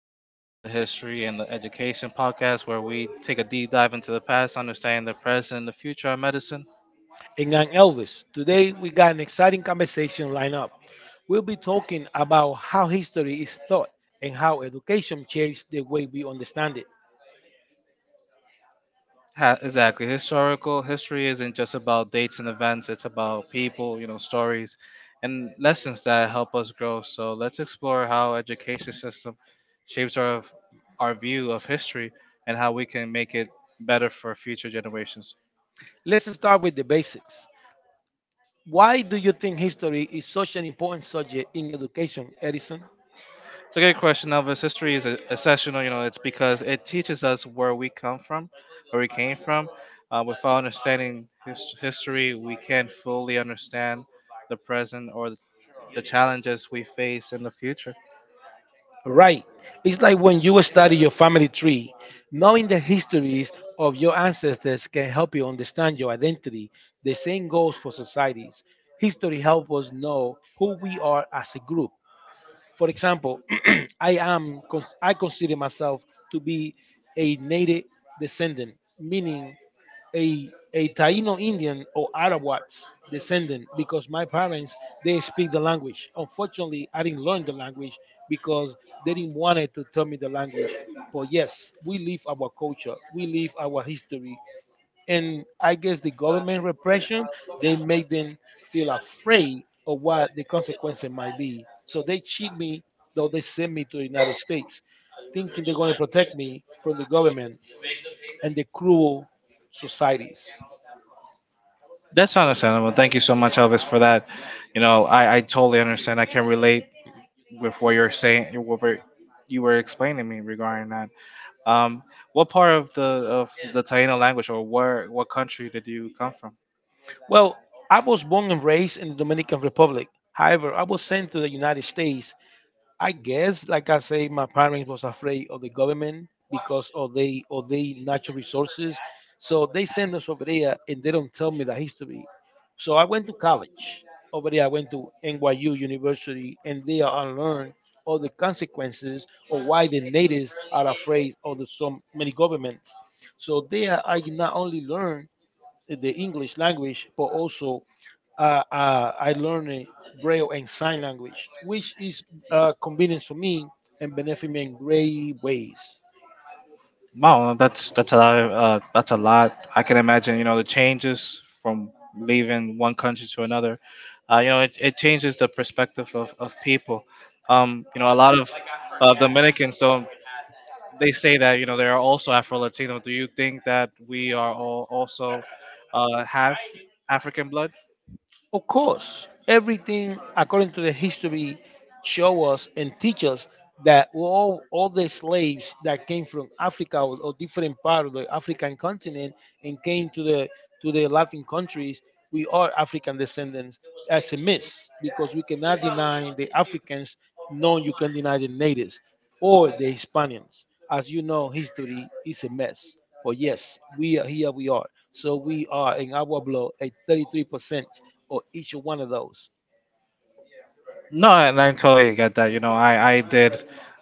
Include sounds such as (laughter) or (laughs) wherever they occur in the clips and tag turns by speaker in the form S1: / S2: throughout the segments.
S1: hello, welcome to the History and the Education podcast, where we take a deep dive into the past, understanding the present and the future of medicine.
S2: And I'm Elvis. Today we got an exciting conversation lined up. We'll be talking about how history is taught and how education shapes the way we understand it.
S1: Exactly. Historical History isn't just about dates and events, it's about people, you know, stories and lessons that help us grow. So let's explore how education system shapes our view of history and how we can make it better for future generations.
S2: Let's start with the basics. Why do you think history is such an important subject in education, Edison?
S1: It's a good question, Elvis. History is essential. You know, it's because it teaches us where we came from. Without understanding history, we can't fully understand the present or the challenges we face in the future.
S2: Right. It's like when you study your family tree, knowing the histories of your ancestors can help you understand your identity. The same goes for societies. History helps us know who we are as a group. For example, (clears throat) I consider myself to be a native descendant, meaning a Taino Indian or Arawat descendant because my parents they speak the language. Unfortunately, I didn't learn the language because they didn't want to tell me the language. But yes, we live our culture, we live our history, and I guess the government repression they make them feel afraid of what the consequences might be. So they cheat me, though they send me to the United States, thinking they're going to protect me from the government and the cruel societies.
S1: That's understandable. Thank you so much, Elvis, for that. You know, I totally understand. I can relate with what you're saying, you were explaining me regarding that. Um, what part of the Taino language, or where what country did you come from?
S2: Well, I was born and raised in the Dominican Republic. However, I was sent to the United States. I guess, like I say, my parents was afraid of the government because of they of the natural resources. So they send us over there and they don't tell me the history. So I went to college over there. I went to NYU University and there I learned all the consequences of why the natives are afraid of so many governments. So there I not only learned the English language but also I learned Braille and sign language, which is convenient for me and benefit me in great ways.
S1: Wow, well, that's a lot. That's a lot. I can imagine. You know, the changes from leaving one country to another. You know, it changes the perspective of people. You know, a lot of Dominicans don't. They say that, you know, they are also Afro Latino. Do you think that we are all also have African blood?
S2: Of course, everything according to the history show us and teach us that all the slaves that came from Africa or different part of the African continent and came to the Latin countries, we are African descendants as a myth because we cannot deny the Africans, nor you can deny the natives or the Hispanians. As you know, history is a mess. But yes, we are here. We are. So we are in our blood at 33% or each one of those?
S1: No, and I totally get that. You know, I did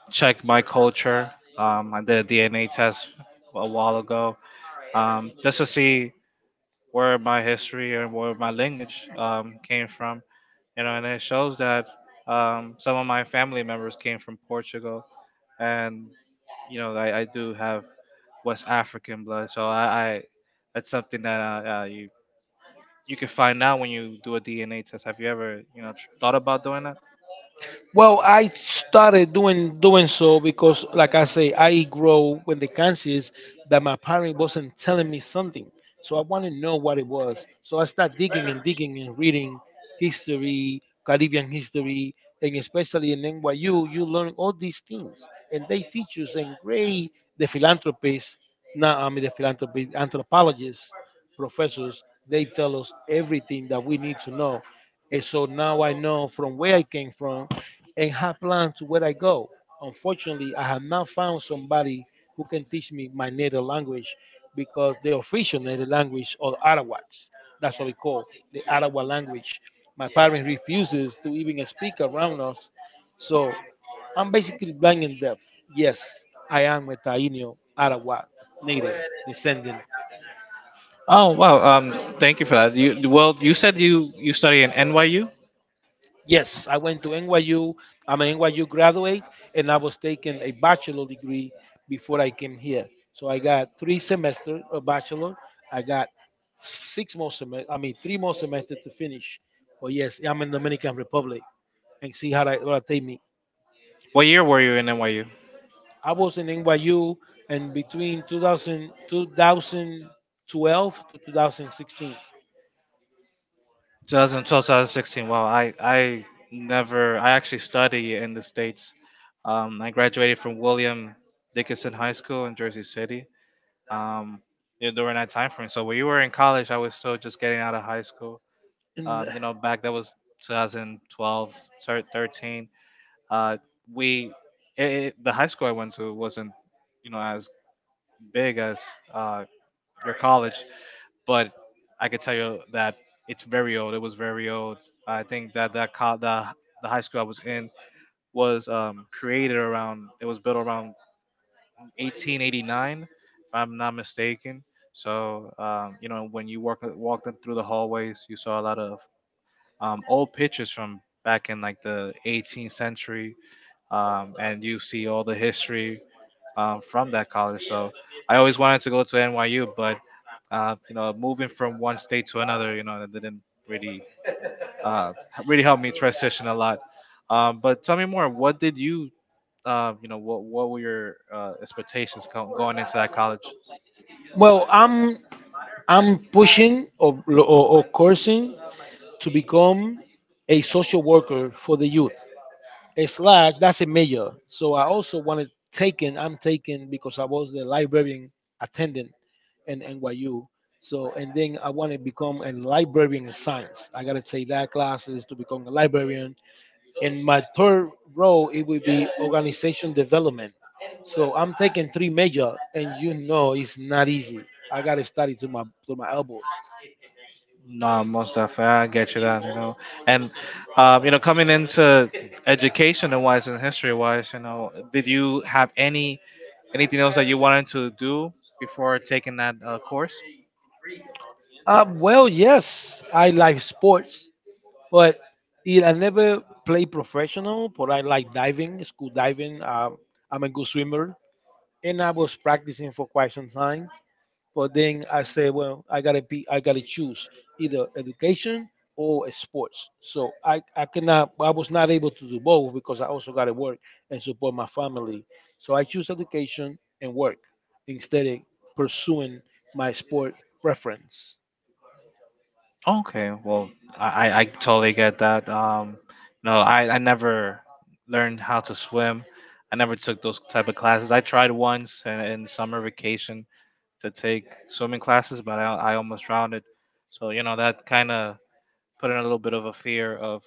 S1: check my culture. I did a DNA test a while ago. Just to see where my history and where my lineage came from. You know, and it shows that some of my family members came from Portugal, and you know, I do have West African blood, so I that's something that you you can find out when you do a DNA test. Have you ever, you know, thought about doing that?
S2: Well, I started doing so because, like I say, I grow with the conscious that my parent wasn't telling me something, so I want to know what it was. So I start digging and digging and reading history, Caribbean history, and especially in NYU, you learn all these things, and they teach you. And great, the philanthropists, now, I mean the philanthropists, anthropologists, professors, they tell us everything that we need to know. And so now I know from where I came from and have plans to where I go. Unfortunately, I have not found somebody who can teach me my native language because the official native language are Arawaks. That's what we call the Arawa language. My parents refuses to even speak around us. So I'm basically blind and deaf. Yes, I am a Taino Arawa native descendant.
S1: Oh wow. Um, thank you for that. You well, you said you you study in NYU.
S2: Yes, I went to NYU. I'm an NYU graduate, and I was taking a bachelor degree before I came here. So I got three semester of bachelor. I got six more semester. I mean, three more semester to finish. But yes, I'm in Dominican Republic, and see how that, what take me.
S1: What year were you in NYU?
S2: I was in NYU, and between 2000, 2012 to 2016.
S1: 2012, 2016. Wow, I never. I actually study in the states. I graduated from William Dickinson High School in Jersey City. Um, you know, during that time frame. So when you were in college, I was still just getting out of high school.
S2: And,
S1: You know, back that was 2012, thir- 13. Uh, we The high school I went to wasn't, you know, as big as uh, your college, but I could tell you that It was very old. I think that the high school I was in was created around. It was built around 1889, if I'm not mistaken. So, you know, when you walked through the hallways, you saw a lot of old pictures from back in like the 18th century, and you see all the history from that college. So I always wanted to go to NYU, but you know, moving from one state to another, you know, that didn't really uh, really helped me transition a lot. But tell me more. You know, what were your expectations going into that college?
S2: well, I'm pushing or coursing to become a social worker for the youth. A slash, that's a major. So I also wanted taken, I'm taken because I was the librarian attendant in NYU. So, and then I want to become a librarian in science. I got to take that classes to become a librarian. And my third role, it will be organization development. So I'm taking three major, and you know it's not easy. I got to study to my elbows.
S1: No, most definitely. I get you that, you know. And You know, coming into educational wise and history wise, you know, did you have anything else that you wanted to do before taking that course?
S2: Well, yes, I like sports, but it, I never play professional. But I like diving, school diving. I'm a good swimmer, and I was practicing for quite some time. But then I said, well, I gotta choose either education or sports. So I cannot, I was not able to do both because I also gotta work and support my family. So I choose education and work instead of pursuing my sport preference.
S1: Okay, well, I totally get that. No, I never learned how to swim. I never took those type of classes. I tried once in summer vacation to take swimming classes, but I almost drowned. It. So you know that kind of put in a little bit of a fear of,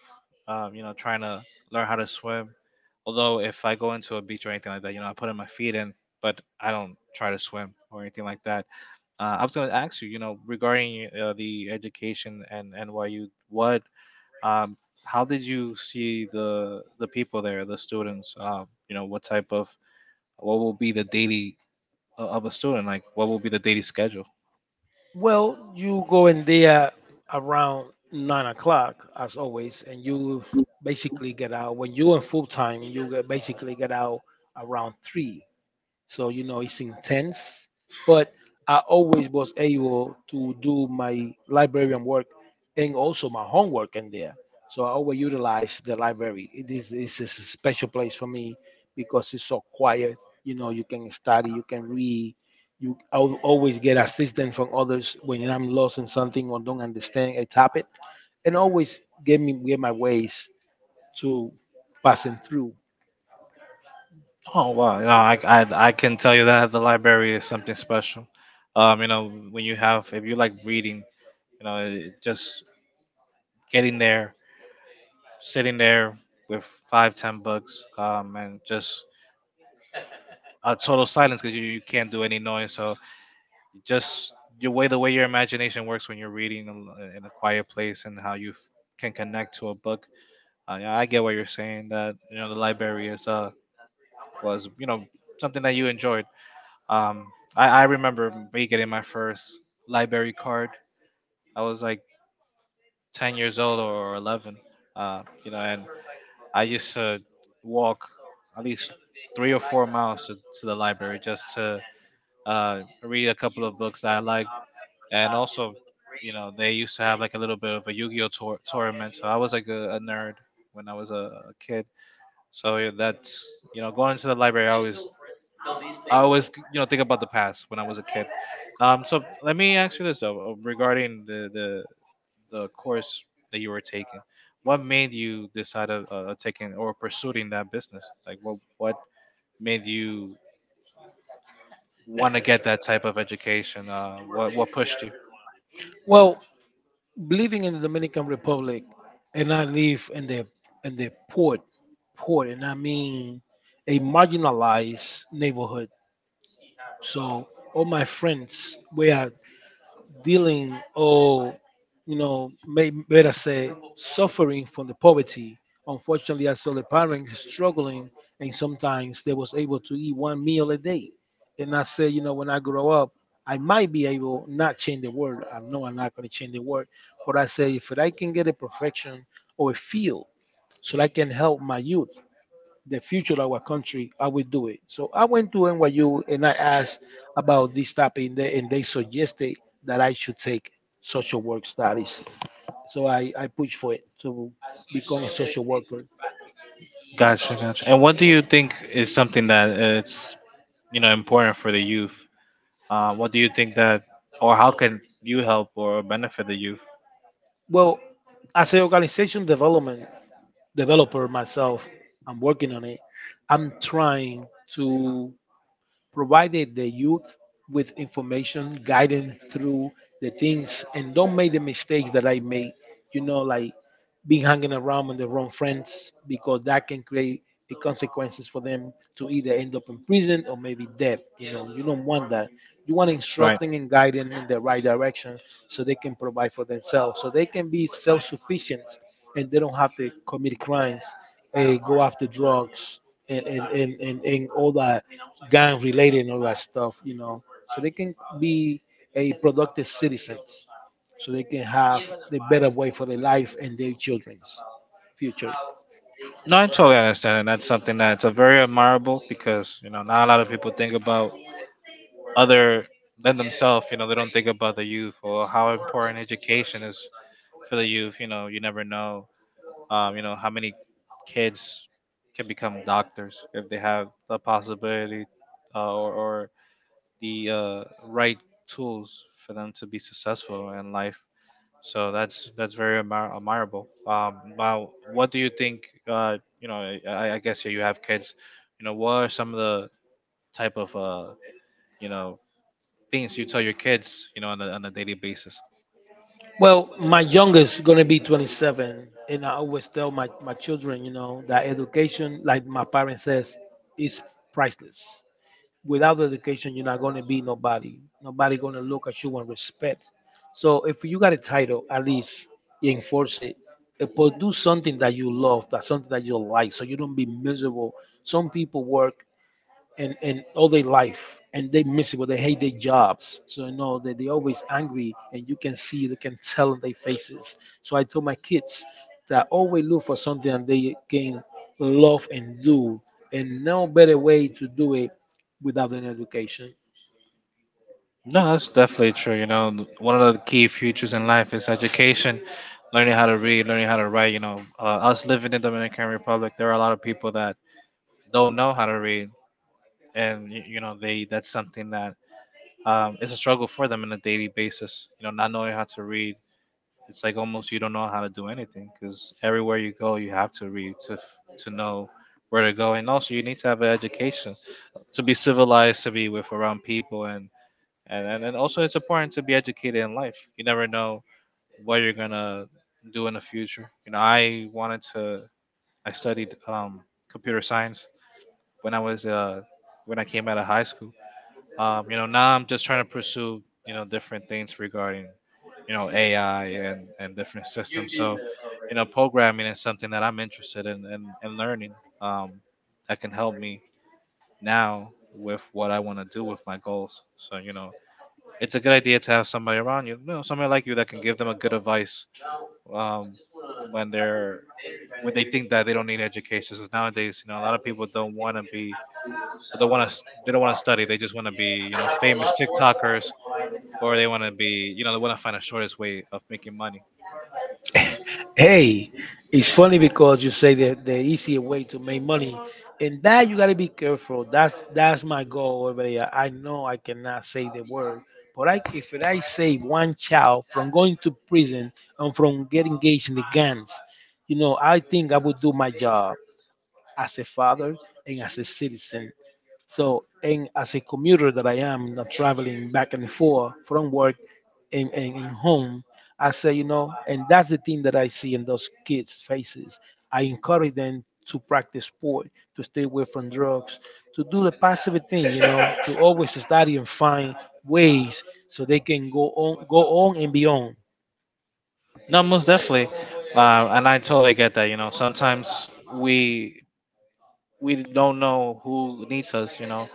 S1: um, you know, trying to learn how to swim. Although if I go into a beach or anything like that, you know, I put in my feet in, but I don't try to swim or anything like that. I was going to ask you, you know, regarding the education and NYU, um, how did you see the people there, the students? You know, what will be the daily of a student? Like, what will be the daily schedule?
S2: Well, you go in there around 9 o'clock as always, and you basically get out when you're in full time. Basically get out around three. So you know it's intense, but I always was able to do my librarian work and also my homework in there. So I always utilize the library. It's a special place for me because it's so quiet. You know, you can study, you can read. You I'll always get assistance from others when I'm lost in something or don't understand a topic, and always get my ways to passing through.
S1: Oh wow! No, I can tell you that the library is something special. You know, when you have, if you like reading, you know, just getting there, sitting there with five, ten books, and just a total silence because you can't do any noise. So just your way the way your imagination works when you're reading in a quiet place and how you can connect to a book. Yeah, I get what you're saying. That, you know, the library is, was, you know, something that you enjoyed. Um, I remember me getting my first library card. I was like 10 years old or 11, you know, and I used to walk at least 3 or 4 miles to the library just to read a couple of books that I liked. And also, you know, they used to have like a little bit of a Yu Gi Oh! Tournament. So I was like a nerd when I was a kid. So yeah, that's, you know, going to the library, I always, you know, think about the past when I was a kid. So let me ask you this though, regarding the course that you were taking, what made you decide of taking or pursuing that business? Like, what made you want to get that type of education? What what pushed you?
S2: Well, living in the Dominican Republic, and I live in the port, and I mean a marginalized neighborhood. So all my friends were dealing or you know may better say suffering from the poverty. Unfortunately, I saw the parents struggling and sometimes they was able to eat one meal a day. And I said, you know, when I grow up I might be able not change the world. I know I'm not going to change the world, but I say if I can get a profession or a field so that I can help my youth, the future of our country, I will do it. So I went to NYU and I asked about this topic, and they suggested that I should take social work studies. So I pushed for it to become a social worker.
S1: Gotcha, gotcha. And what do you think is something that, it's you know, important for the youth? What do you think or how can you help or benefit the youth?
S2: Well, as an organization development developer myself, I'm working on it. I'm trying to provide the youth with information, guidance through the things, and don't make the mistakes that I made. You know, like being hanging around with the wrong friends because that can create the consequences for them to either end up in prison or maybe death. You know, you don't want that. You want
S1: Right.
S2: instructing and guiding in the right direction so they can provide for themselves, so they can be self sufficient and they don't have to commit crimes, go after drugs, and all that gang related and all that stuff, you know, so they can be a productive citizens so they can have the better way for their life and their children's future.
S1: No, I totally understand, and that's something that's a very admirable because you know not a lot of people think about other than themselves. You know, they don't think about the youth or how important education is for the youth. You know, you never know. You know how many kids can become doctors if they have the possibility, or the right tools for them to be successful in life. So that's very admirable. Now, what do you think? You know, I guess you have kids. You know, what are some of the type of, you know, things you tell your kids? You know, on on a daily basis.
S2: Well, my youngest is gonna be 27, and I always tell my children, you know, that education, like my parents says, is priceless. Without education, you're not gonna be nobody. Nobody gonna look at you and respect. So if you got a title, at least you enforce it. But do something that you love, that's something that you like, so you don't be miserable. Some people work and all their life and they miserable, they hate their jobs, so you know that they always angry and you can see you can tell on their faces. So I told my kids that always look for something that they can love and do, and no better way to do it without an education.
S1: No, that's definitely true. You know, one of the key futures in life is education, learning how to read, learning how to write. You know, us living in the Dominican Republic, there are a lot of people that don't know how to read, and you know, they that's something that is a struggle for them on a daily basis. You know, not knowing how to read, it's like almost you don't know how to do anything because everywhere you go you have to read to to know where to go. And also you need to have an education to be civilized, to be with around people, and and also it's important to be educated in life. You never know what you're gonna do in the future. You know, I wanted to I studied, computer science when I was, when I came out of high school. You know, now I'm just trying to pursue, you know, different things regarding, you know, AI and different systems. So, you know, programming is something that I'm interested in, and learning, um, that can help me now with what I want to do with my goals. So, you know, it's a good idea to have somebody around you, you know, somebody like you that can give them a good advice, um, when they're when they think that they don't need education. Because nowadays, you know, a lot of people don't want to be, they don't want to, they don't want to study. They just want to be, you know, famous TikTokers, or they want to be, you know, they want to find the shortest way of making money.
S2: Hey, it's funny because you say that the easier way to make money, and that you gotta be careful. That's my goal over there. I know I cannot say the word, but I, if I save one child from going to prison and from getting engaged in the gangs, you know, I think I would do my job as a father and as a citizen. So, and as a commuter that I am, not traveling back and forth from work and home, I say, you know, and that's the thing that I see in those kids' faces. I encourage them to practice sport, to stay away from drugs, to do the positive thing, you know, to always study and find ways so they can go on, go on and beyond.
S1: No, most definitely. Uh, and i totally get that. You know, sometimes we don't know who needs us. You know,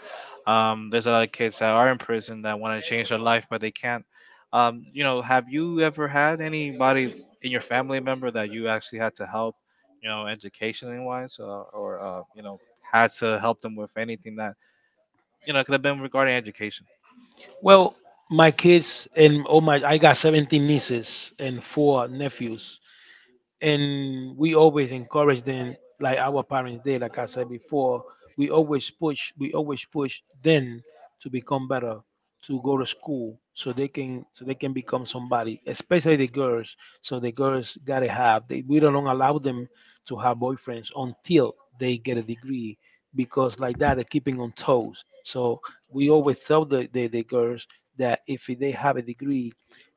S1: there's a lot of kids that are in prison that want to change their life but they can't. You know, have you ever had anybody in your family member that you actually had to help, you know, educationally wise, or you know, had to help them with anything that, you know, it could have been regarding education?
S2: Well, my kids and oh my, I got 17 nieces and four nephews. And we always encourage them like our parents did like I said before we always push them to become better, to go to school so they can become somebody, especially the girls. So the girls gotta have they, we don't allow them to have boyfriends until they get a degree because like that they're keeping on toes. So we always tell the girls that if they have a degree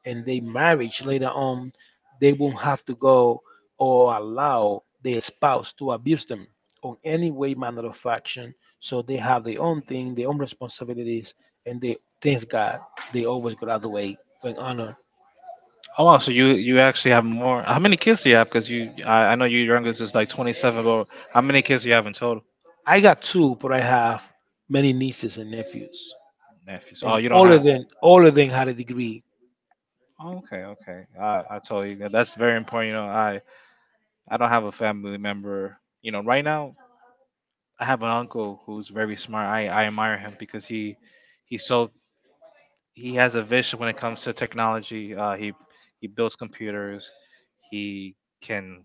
S2: and they marriage later on they won't have to go or allow the spouse to abuse them on any way, manner of action. So they have their own thing, their own responsibilities, and they, thanks God, they always graduate with honor.
S1: Oh wow, so you actually have more. How many kids do you have? Because I know your youngest is like 27, but how many kids do you have in total?
S2: I got two, but I have many nieces and nephews.
S1: Nephews. Oh,
S2: And
S1: you don't
S2: all of
S1: have.
S2: them all of them had a degree.
S1: Oh, okay, okay. I told you that. That's very important. You know, I don't have a family member. You know, right now I have an uncle who's very smart. I admire him because he's so he has a vision when it comes to technology. He he builds computers. He can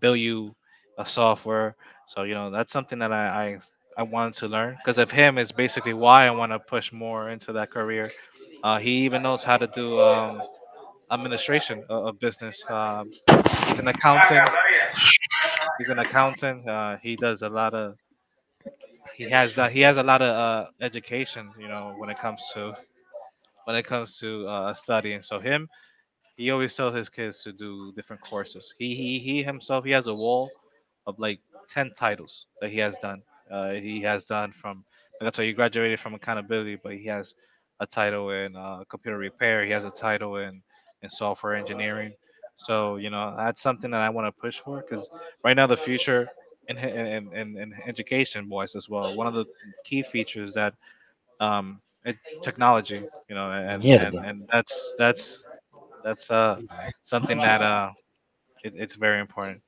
S1: build you a software. So you know that's something that I wanted to learn because of him is basically why I want to push more into that career. He even knows how to do administration of business. He's an accountant. He's an accountant. He does a lot of he has that he has a lot of education. You know when it comes to when it comes to studying. So him he always tells his kids to do different courses. He himself he has a wall of like ten titles that he has done. He has done from that's why he graduated from accountability, but he has a title in computer repair. He has a title in software engineering. So you know that's something that I want to push for because right now the future in education boys as well. One of the key features that um, it, technology, you know, and and
S2: Mierda.
S1: and that's that's something that it's very important.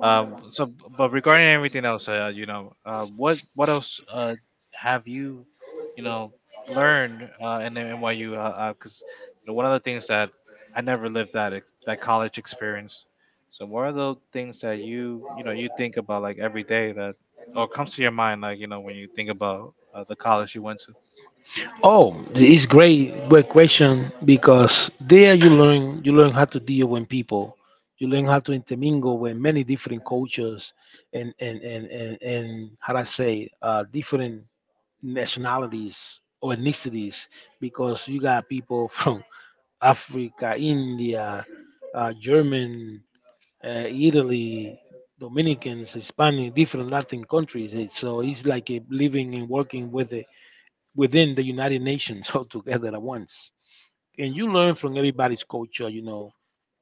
S1: Um, so, but regarding everything else, you know, what else have you, you know, learned in the NYU? Because you know, one of the things that I never lived that that college experience. So, what are the things that you know you think about like every day that or comes to your mind like you know when you think about the college you went to?
S2: Oh, it's great, great question, because there you learn how to deal with people, you learn how to intermingle with many different cultures and how do I say, different nationalities or ethnicities, because you got people from (laughs) Africa, India, German, Italy, Dominicans, Hispanic, different Latin countries. So it's like a living and working with within the United Nations (laughs) altogether at once. And you learn from everybody's culture,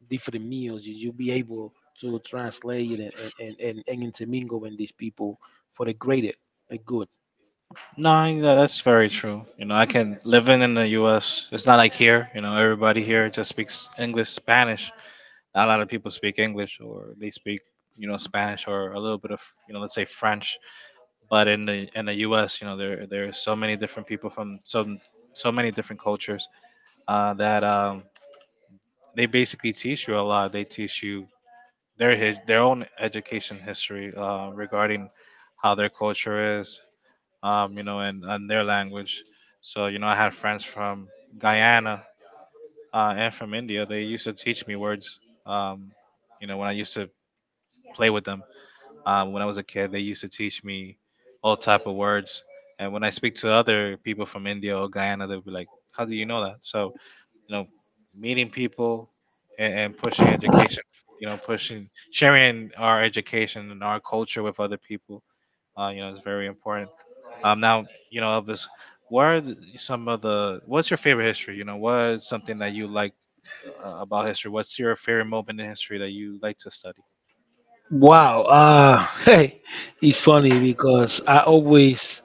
S2: different meals. You'll be able to translate it and intermingle with these people for the good.
S1: No, yeah, that's very true. You know, I can living in the U.S. It's not like here. You know, everybody here just speaks English, Spanish. Not a lot of people speak English, or they speak, you know, Spanish or a little bit of, you know, let's say French. But in the U.S., you know, there are so many different people from so so many different cultures that they basically teach you a lot. They teach you their own education history regarding how their culture is, you know, and their language. So, you know, I had friends from Guyana and from India. They used to teach me words, um, you know, when I used to play with them. When I was a kid, they used to teach me all type of words. And when I speak to other people from India or Guyana, they'll be like, how do you know that? So, you know, meeting people and pushing education, you know, pushing, sharing our education and our culture with other people you know, it's very important. Um, now, you know, Elvis, what are the, some of the? What's your favorite history? You know, what is something that you like about history? What's your favorite moment in history that you like to study?
S2: Wow. (laughs) Hey, it's funny, because I always,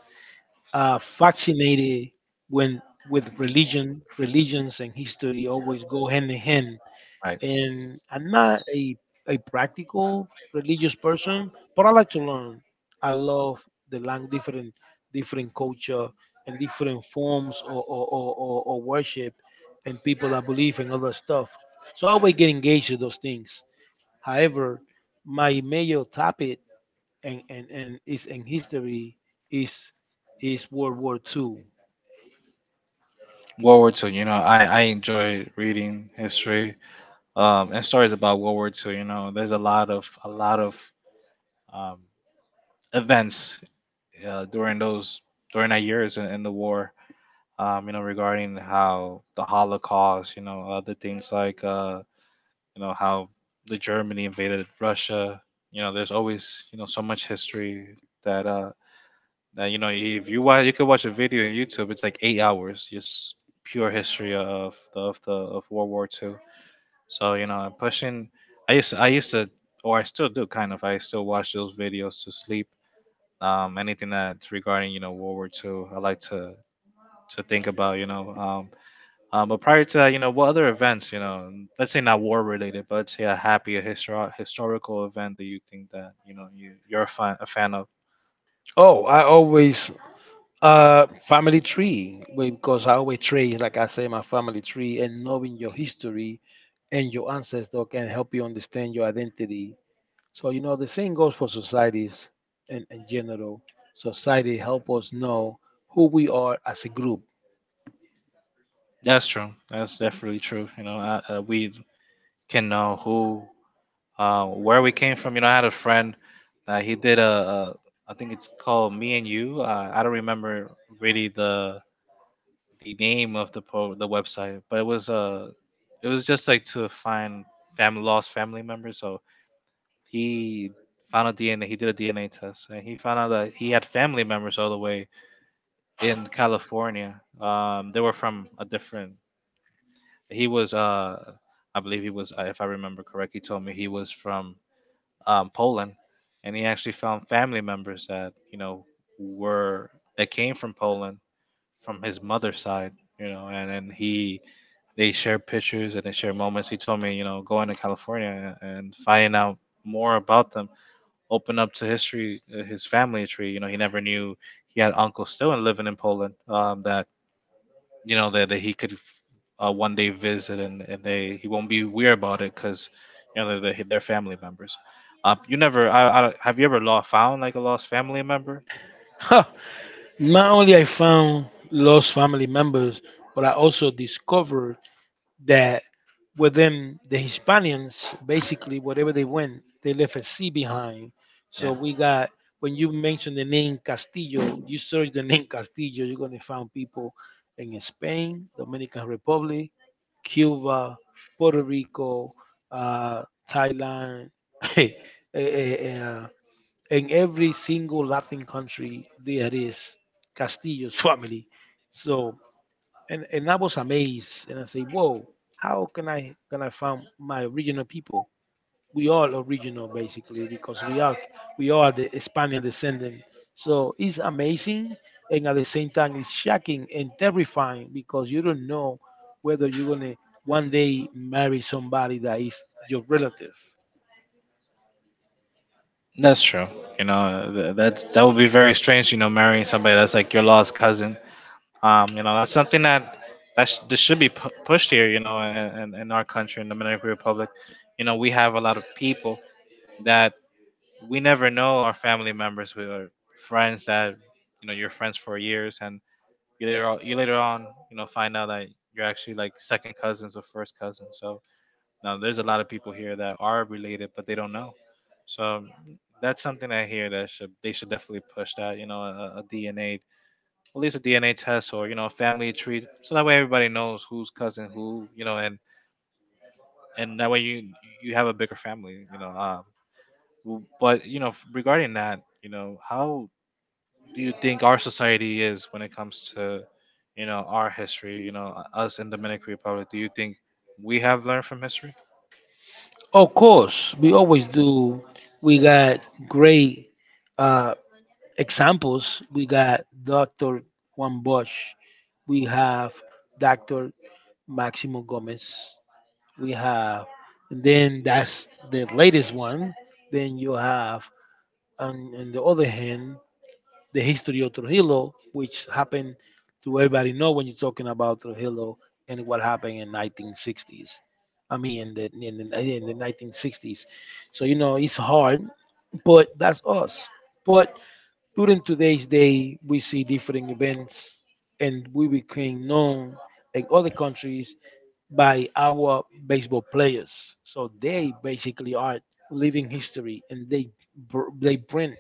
S2: fascinated when with religion. Religions and history always go hand in hand,
S1: Right.
S2: and I'm not a practical religious person, but I like to learn. I love the lang different culture and different forms or worship, and people that believe in other stuff. So I always get engaged with those things. However, my major topic, and is in history, is is World War Two.
S1: World War Two. You know, I enjoy reading history and stories about World War Two. You know, there's a lot of um, events uh, during those during that years in the war. You know, regarding how the Holocaust, you know, other things like you know how the Germany invaded Russia. You know, there's always you know so much history that that you know if you watch you could watch a video on YouTube, it's like 8 hours just pure history of the of the of World War Two. So you know, I'm pushing. I used to or I still do kind of. I still watch those videos to sleep anything that's regarding you know World War Two. I like to think about you know. But prior to that, you know, what other events, you know, let's say not war related, but let's say a happy, a historical event that you think that you know you you're a fan of.
S2: Oh, I always family tree. Well, because I always trace, like I say, my family tree, and knowing your history and your ancestor can help you understand your identity. So you know the same goes for societies in general. Society help us know who we are as a group.
S1: That's true. That's definitely true. You know, we can know who uh, where we came from, you know, I had a friend that he did a I think it's called Me and You. I don't remember really the name of the website, but it was just like to find family lost family members. So he found a DNA. He did a DNA test, and he found out that he had family members all the way in California. They were from a different. He was I believe he was, if I remember correctly, he told me he was from Poland, and he actually found family members that you know were that came from Poland from his mother's side, you know, and he they shared pictures and they shared moments. He told me, you know, going to California and finding out more about them opened up to history, his family tree. You know, he never knew he had uncles still and living in Poland that you know that he could one day visit and they he won't be weird about it because you know they're family members. You never I, I have you ever lost found like a lost family member?
S2: (laughs) Not only I found lost family members, but I also discovered that within the Hispanians, basically whatever they went, they left a C behind. So
S1: Yeah,
S2: we got when you mention the name Castillo, you search the name Castillo, you're gonna find people in Spain, Dominican Republic, Cuba, Puerto Rico, uh, Thailand, (laughs) eh, eh, uh, in every single Latin country there is Castillo's family. So and I was amazed, and I say, "Whoa, how can I find my original people? We all original basically because we are the Spaniard descendant." So it's amazing, and at the same time, it's shocking and terrifying, because you don't know whether you're gonna one day marry somebody that is your relative.
S1: that's true, you know, that's that would be very strange, you know, marrying somebody that's like your lost cousin, um, you know, that's something that that's this should be pushed here, you know, in our country, in the Dominican Republic. You know, we have a lot of people that. We never know our family members who are friends that you know you're friends for years and you later on you know find out that you're actually like second cousins or first cousins. So now there's a lot of people here that are related but they don't know, so that's something I hear that should they should definitely push that, you know, DNA, at least a DNA test, or you know a family tree, so that way everybody knows who's cousin who, you know, and that way you you have a bigger family, you know. But you know regarding that, you know, how do you think our society is when it comes to you know our history, you know, us in Dominican Republic? Do you think we have learned from history?
S2: Of course, we always do. We got great, uh, examples. We got Dr. Juan Bosch, we have Dr. Maximo Gomez, we have, and then that's the latest one. Then you have, on the other hand, the history of Trujillo, which happened to everybody know when you're talking about Trujillo and what happened in 1960s. I mean, in the 1960s. So, you know, it's hard, but that's us. But during today's day, we see different events, and we became known in other countries by our baseball players. So they basically are living history, and they bring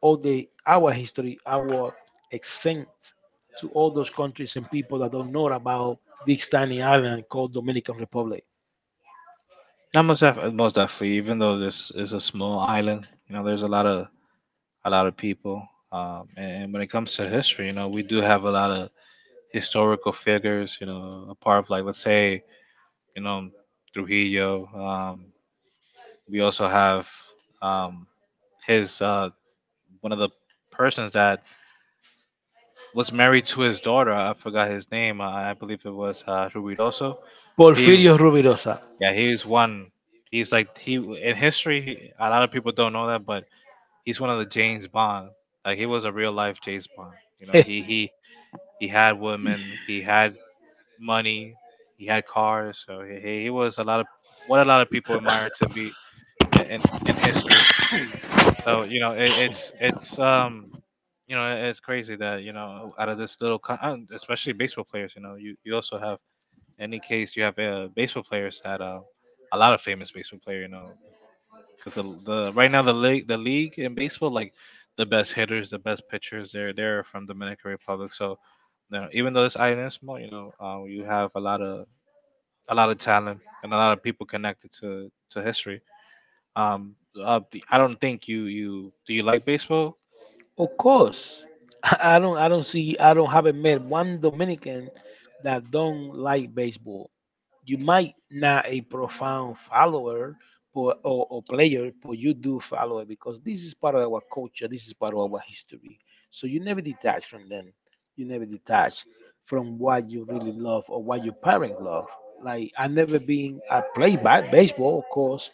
S2: all the our history, our accent to all those countries and people that don't know about this tiny island called Dominican Republic.
S1: Not most definitely, most definitely, even though this is a small island, you know there's a lot of people, and when it comes to history, you know we do have a lot of historical figures, you know, apart of, like, let's say, you know, Trujillo, we also have um, his one of the persons that was married to his daughter. I forgot his name. I believe it was Rubidoso. He,
S2: Porfirio Rubirosa.
S1: yeah, he's one. He's like he in history. He, a lot of people don't know that, but he's one of the James Bond. Like he was a real life James Bond. You know,
S2: (laughs)
S1: he had women. He had money. He had cars. So he was a lot of what a lot of people admire to be in in, in history. So you know, it's you know, it's crazy that you know, out of this little, especially baseball players, you know, you also have in any case you have baseball players that a lot of famous baseball player, you know, because the right now the league in baseball like the best hitters, the best pitchers, they're from Dominican Republic. So you know, even though this island is small, you know, you have a lot of talent and a lot of people connected to history. Um, uh, I don't think you you do you like baseball?
S2: Of course, (laughs) I don't. I don't see. I don't haven't met one Dominican that don't like baseball. You might not a profound follower, but, or player, but you do follow it, because this is part of our culture. This is part of our history. So you never detach from them. You never detach from what you really love or what your parents love. Like I never been I play by baseball, of course,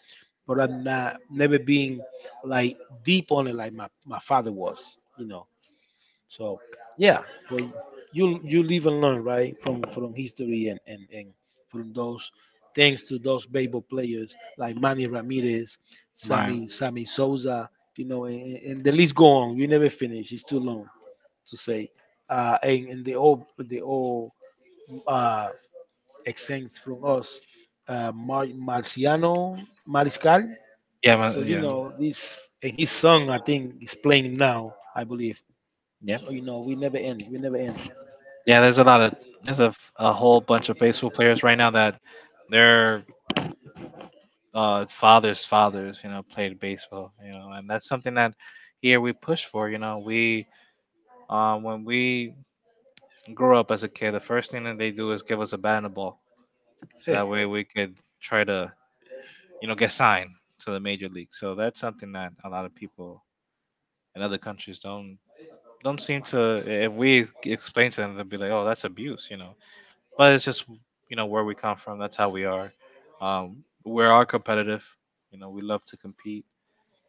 S2: but I'm not never being like deep on it, like my father was. So yeah, but you live and learn, right? From history and from those, thanks to those baseball players like Manny Ramirez,
S1: Right.
S2: Sammy Souza, and the list go on. You never finish. It's too long to say. And they all uh, exempt from us. Marciano Mariscal.
S1: Yeah. My,
S2: So you
S1: yeah.
S2: know this, and his son I think is playing now. I believe.
S1: Yeah.
S2: So you know we never end. We never end.
S1: Yeah. There's a lot of there's a whole bunch of baseball players right now that
S2: (laughs)
S1: their fathers' fathers, you know, played baseball. You know, and that's something that here we push for. You know, we when we grew up as a kid, the first thing that they do is give us a bat and a ball, so
S2: Hey,
S1: that way we could try to you know get signed to the major league. So that's something that a lot of people in other countries don't seem to. If we explain to them, they'll be like, oh, that's abuse, but it's just, where we come from, that's how we are. We are competitive, we love to compete.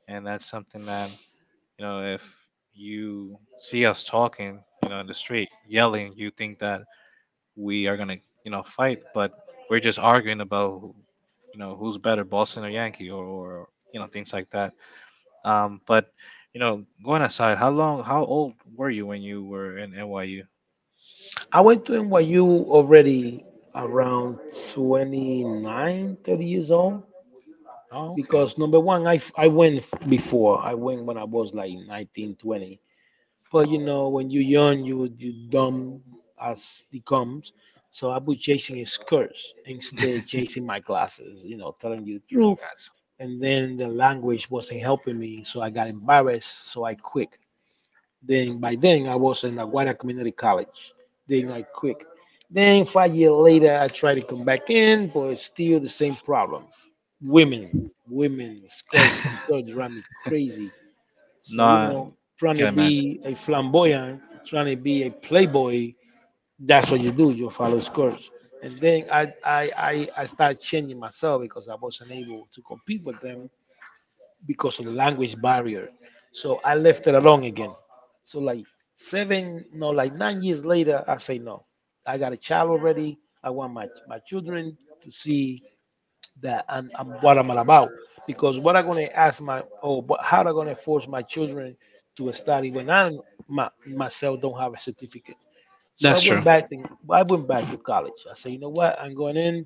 S1: And that's something that, if you see us talking, in the street yelling, you think that we are gonna, fight, but we're just arguing about who's better, Boston or Yankee, or things like that. But, going aside, how old were you when you were in NYU?
S2: I went to NYU already around 29, 30 years old,
S1: Oh, okay.
S2: because number one, I went before. I went when I was like 19, 20. But you know, when you're young, you dumb as it comes. So I was chasing his skirts instead chasing my
S1: (laughs)
S2: glasses, telling you the
S1: No, I
S2: truth.
S1: got
S2: And then the language wasn't helping me, so I got embarrassed, so I quit. Then by then I was in Aguada Community College. Then I quit. Then 5 years later I tried to come back in, but it's still the same problem. Women, women, skirts, skirts drive me crazy,
S1: you. No,
S2: so, you
S1: I
S2: know, trying to
S1: can imagine.
S2: be a flamboyant, trying to be a playboy, that's what you do, you follow skirts. And then I started changing myself, because I wasn't able to compete with them because of the language barrier. So I left it alone again. So like seven, no, like 9 years later, I say no. I got a child already. I want my children to see that I'm what I'm all about. Because what I'm gonna ask my oh, but how am I gonna force my children to study, when myself don't have a certificate. So
S1: That's true.
S2: I went back to college. I said, you know what? I'm going in,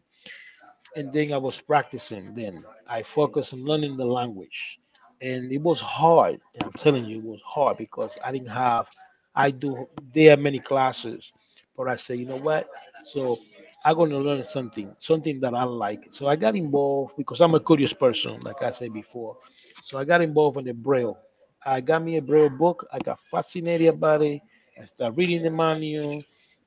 S2: and then I was practicing. Then I focused on learning the language, and it was hard. And I'm telling you, it was hard because I didn't have. I do There are many classes, but I say you know what? So I'm gonna learn something, something that I like. So I got involved, because I'm a curious person, like I said before. So I got involved in the braille. I got me a braille book. I got fascinated about it. I started reading the manual.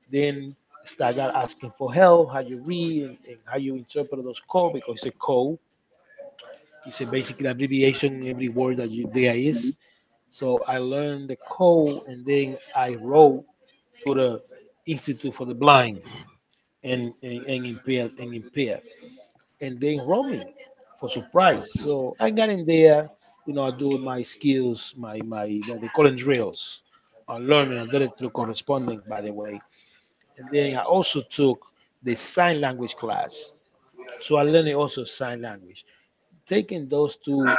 S2: Then start asking for help, how you read and how you interpret those code, because it's a code. It's a basic abbreviation in every word that there is. So I learned the code, and then I wrote to the Institute for the Blind and impaired. And they enrolled me, for surprise. So I got in there, you know, I do my skills, my that they call it drills. I learned, and I did it through corresponding, by the way. And then I also took the sign language class. So I learned also sign language. Taking those two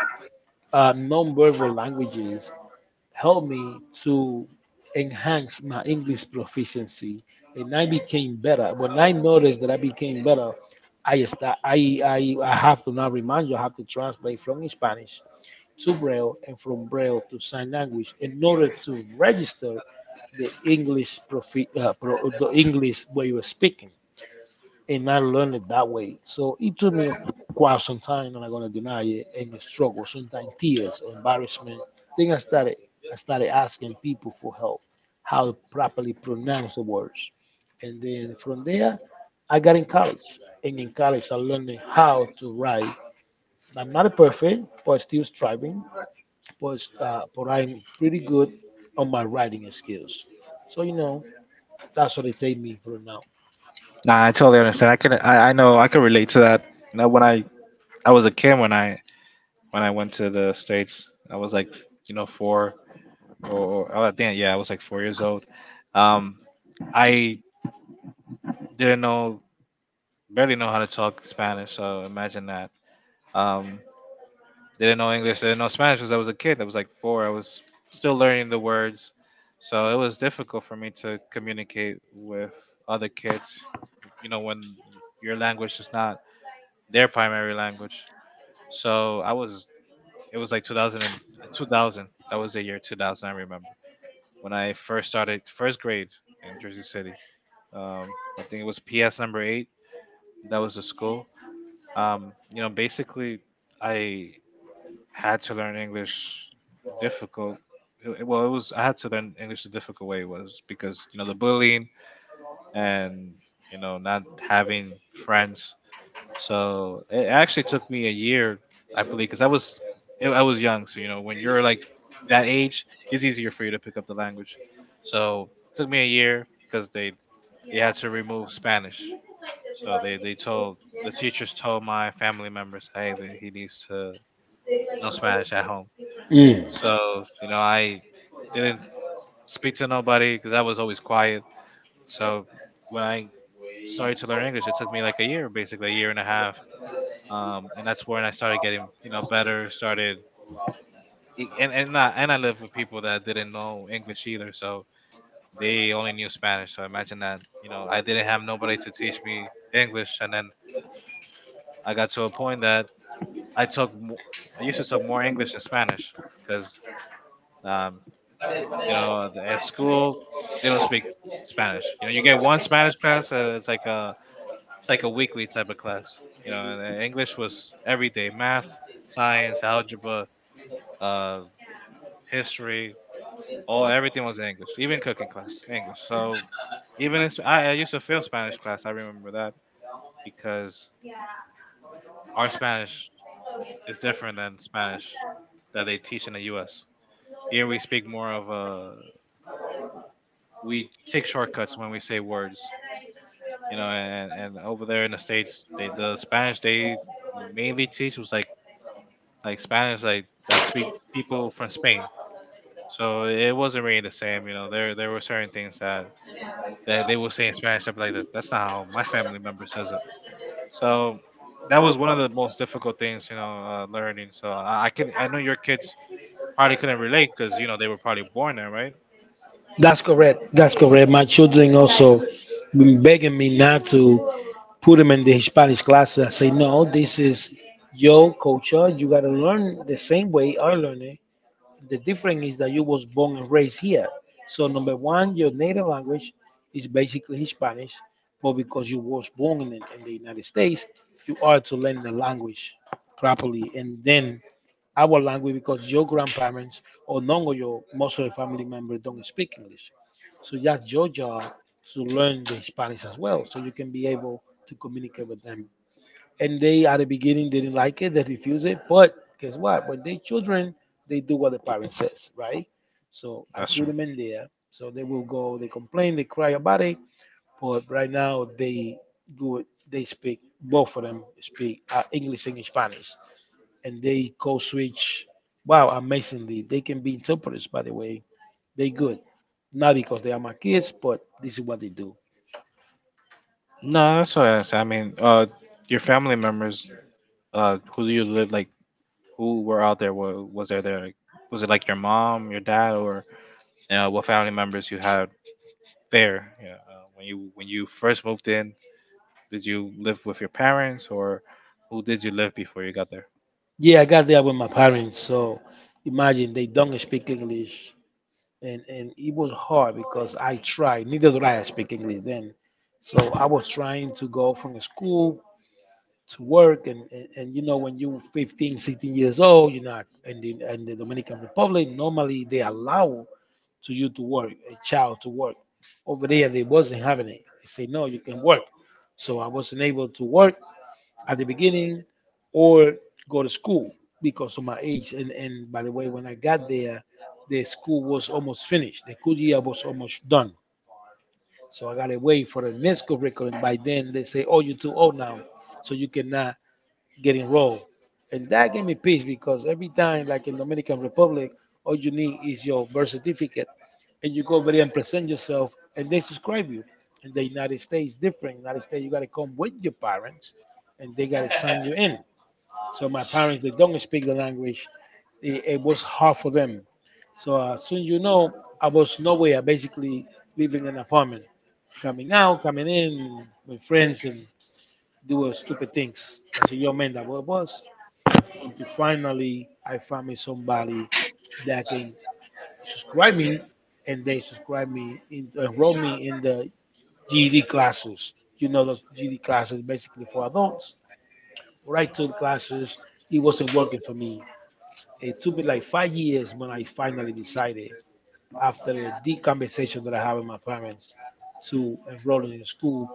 S2: nonverbal languages helped me to enhance my English proficiency. And I became better. When I noticed that I became better, I, start, I have to now remind you, I have to translate from Spanish to Braille and from Braille to sign language in order to register the English where you are speaking, and I learned it that way. So it took me quite some time, and I'm not gonna deny it, and a struggle, sometimes tears or embarrassment. Then I started asking people for help, how to properly pronounce the words, and then from there, I got in college, and in college I learned how to write. I'm not perfect, but still striving, but I'm pretty good on my writing skills. So you know, that's what it take me for now.
S1: Nah, I totally understand. I know, I can relate to that. Now, when I was a kid, when when I went to the states, I was like, four, or I think, yeah, I was like 4 years old. Um, I didn't know, barely know how to talk Spanish. So imagine that. Um, didn't know English, didn't know Spanish because I was a kid. I was like four. I was still learning the words, so it was difficult for me to communicate with other kids. When your language is not their primary language. So I was. It was like 2000. That was the year 2000. I remember when I first started first grade in Jersey City. I think it was PS number eight. That was the school. Basically, I had to learn English difficult. Well, it was I had to learn English the difficult way was because the bullying and not having friends. So it actually took me a year, I believe, because I was young. So, when you're like that age, it's easier for you to pick up the language. So it took me a year because they had to remove Spanish. So, the teachers told my family members, hey, that he needs to know Spanish at home.
S2: Mm.
S1: So, I didn't speak to nobody because I was always quiet. So when I started to learn English, it took me like a year, basically a year and a half. And that's when I started getting better. And I lived with people that didn't know English either, so they only knew Spanish. So imagine that, I didn't have nobody to teach me English, and then I got to a point that I took mo- I used to talk more English than Spanish because, um, at school they don't speak Spanish. You get one Spanish class, and it's like a weekly type of class. And then English was every day. Math, science, algebra, uh, history, all everything was in English. Even cooking class English. So even I used to fail Spanish class. I remember that because our Spanish is different than Spanish that they teach in the U.S. Here we speak more of we take shortcuts when we say words. And over there in the states, the Spanish they mainly teach was like Spanish like that speak people from Spain. So it wasn't really the same. There were certain things that they would say in Spanish. I'd be like, that's not how my family member says it. So that was one of the most difficult things, learning. So, I know your kids probably couldn't relate because, they were probably born there, right?
S2: That's correct. That's correct. My children also been begging me not to put them in the Hispanic classes. I say, no, this is your culture. You got to learn the same way I learned it. The difference is that you was born and raised here. So number one, your native language is basically Spanish, but because you was born in the United States, you are to learn the language properly, and then our language, because your grandparents, or none of your most of your family members, don't speak English. So that's your job to learn the Spanish as well, so you can be able to communicate with them. And they at the beginning didn't like it, they refuse it. But guess what? When they children, they do what the parent says, right? So I
S1: That's
S2: put
S1: true.
S2: them in there. So they will go, they complain, they cry about it. But right now they do it. They speak, both of them speak, English and Spanish, and they code switch. Wow, amazingly, they can be interpreters. By the way, they good. Not because they are my kids, but this is what they do.
S1: No, that's what I was. I mean, your family members, who do you live like? Who were out there? Was there? Like, Was it like your mom, your dad, or what family members you had there? Yeah, when you first moved in, did you live with your parents, or who did you live before you got there?
S2: Yeah, I got there with my parents. So imagine they don't speak English, and it was hard because I tried. Neither did I speak English then, so I was trying to go from school to work, and you know when you're 15, 16 years old, you're not. And in the Dominican Republic, normally they allow to you to work, a child to work. Over there, they wasn't having it. They say no, you can work. So I wasn't able to work at the beginning or go to school because of my age. And by the way, when I got there, the school was almost finished. The school year was almost done. So I got to wait for the next curriculum. By then, they say, oh, you're too old now, so you cannot get enrolled. And that gave me peace, because every time, like in Dominican Republic, all you need is your birth certificate. And you go over there and present yourself, and they subscribe you. In the United States, different. United States, you got to come with your parents, and they got to sign you in. So my parents, they don't speak the language. It was hard for them. So, soon, you know, I was nowhere, basically living in an apartment, coming out, coming in with friends and doing stupid things. As a young man, that what I was. Until finally, I found me somebody that can subscribe me, and they subscribe me, enroll me in the GED classes. You know, those GED classes basically for adults. Right to the classes, it wasn't working for me. It took me like 5 years when I finally decided, after a deep conversation that I had with my parents, to enroll in school,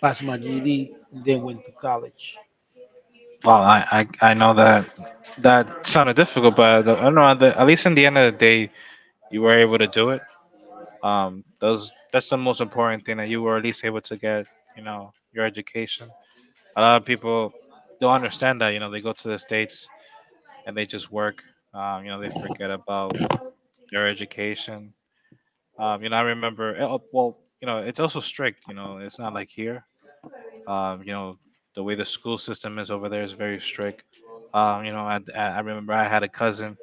S2: pass my GED, and then went to college.
S1: Well, I know that that sounded difficult, but I don't know. At least in the end of the day, you were able to do it. Those that's the most important thing, that you were at least able to get, your education. A lot of people don't understand that. They go to the states and they just work. They forget about their education. I remember. Oh, Well, it's also strict. It's not like here. Um, you know, the way the school system is over there is very strict. I remember I had a cousin.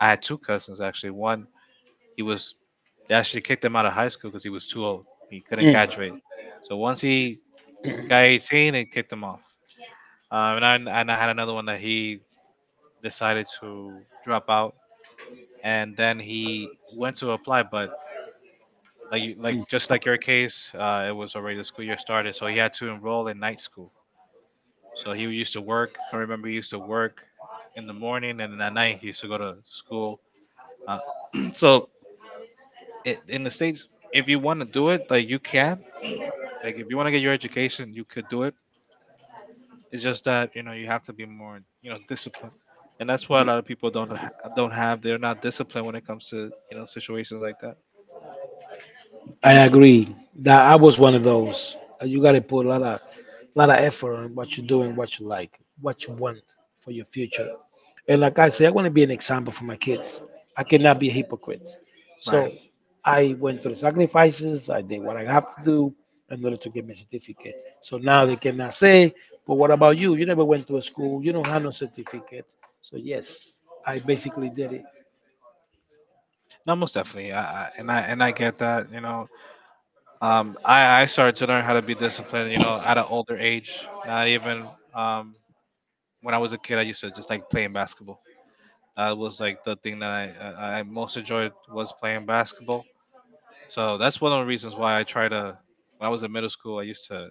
S1: I had two cousins actually. One, he was they actually kicked him out of high school because he was too old. He couldn't
S2: Mm.
S1: graduate. So once he got 18, they kicked him off. Um, and I and I had another one that he decided to drop out, and then he went to apply, but
S2: Mm.
S1: like just like your case, it was already the school year started, so he had to enroll in night school. So he used to work. I remember he used to work in the morning, and then at night he used to go to school. Uh, (clears throat) so in the states, if you want to do it, like if you want to get your education, you could do it. It's just that, you have to be more, disciplined, and that's why a lot of people don't have. They're not disciplined when it comes to, situations like that.
S2: I agree that I was one of those. You got to put a lot of effort on what you're doing, what you like, what you want for your future. And like I say, I want to be an example for my kids. I cannot be a hypocrite. So
S1: Right.
S2: I went through the sacrifices. I did what I have to do in order to get my certificate. So now they cannot say, but what about you? You never went to a school. You don't have no certificate. So yes, I basically did it.
S1: No, most definitely. I get that. I started to learn how to be disciplined. At an older age. Not even um when I was a kid, I used to just like playing basketball. That was like the thing that I most enjoyed was playing basketball. So that's one of the reasons why I try to. When I was in middle school, I used to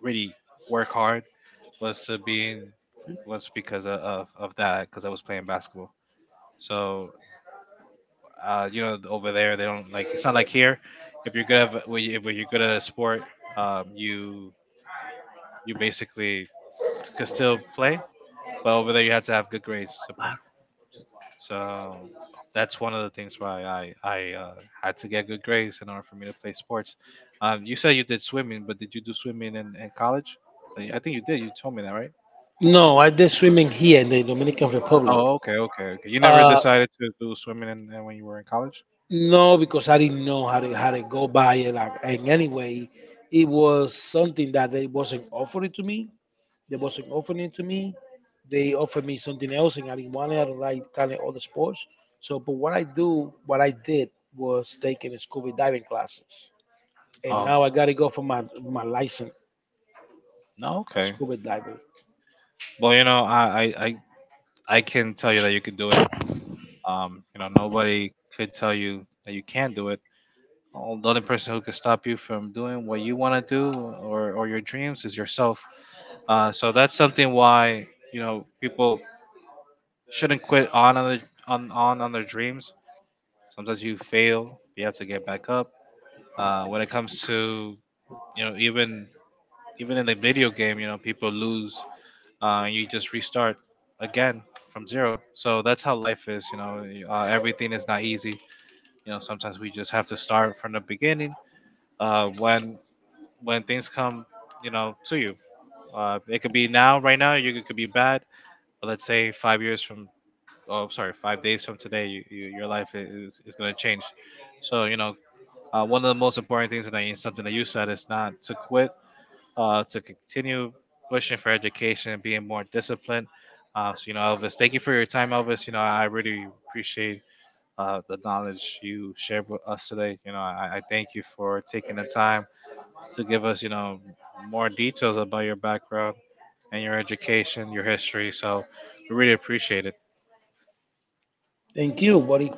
S1: really work hard. Was to being was because of that because I was playing basketball. So, over there they don't like. It's not like here. If you're good at, if you're good at a sport, um, you you basically could still play. But over there, you have to have good grades to play. So that's one of the things why I had to get good grades in order for me to play sports. You said you did swimming, but did you do swimming in college? Like, I think you did. You told me that, right?
S2: No, I did swimming here in the Dominican Republic.
S1: Oh, okay, okay, okay. You never
S2: Uh,
S1: decided to do swimming in when you were in college?
S2: No, because I didn't know how to go by it. Like, and anyway, it was something that they wasn't offering to me. They wasn't offering it to me. They offered me something else, and I didn't want it. I don't like kind of other sports. So, but what I did was taking scuba diving classes, and now I
S1: Oh,
S2: gotta go for my license
S1: no,
S2: as
S1: okay.
S2: scuba diver.
S1: Well, I can tell you that you could do it. Nobody could tell you that you can't do it. The only person who could stop you from doing what you want to do, or your dreams, is yourself. So that's something why, people shouldn't quit on their dreams. Sometimes you fail, you have to get back up. When it comes to, you know even even in the video game, people lose, and you just restart again from zero. So that's how life is. Everything is not easy. Sometimes we just have to start from the beginning. Uh, when when things come, to you. It could be now, right now. You It could be bad, but let's say 5 years from, oh, I'm sorry, 5 days from today, you, your life is going to change. So, one of the most important things, something that you said, is not to quit, to continue pushing for education and being more disciplined. So, Elvis, thank you for your time, Elvis. I really appreciate, the knowledge you shared with us today. I thank you for taking the time to give us, more details about your background and your education, your history. So, we really appreciate it.
S2: Thank you, buddy.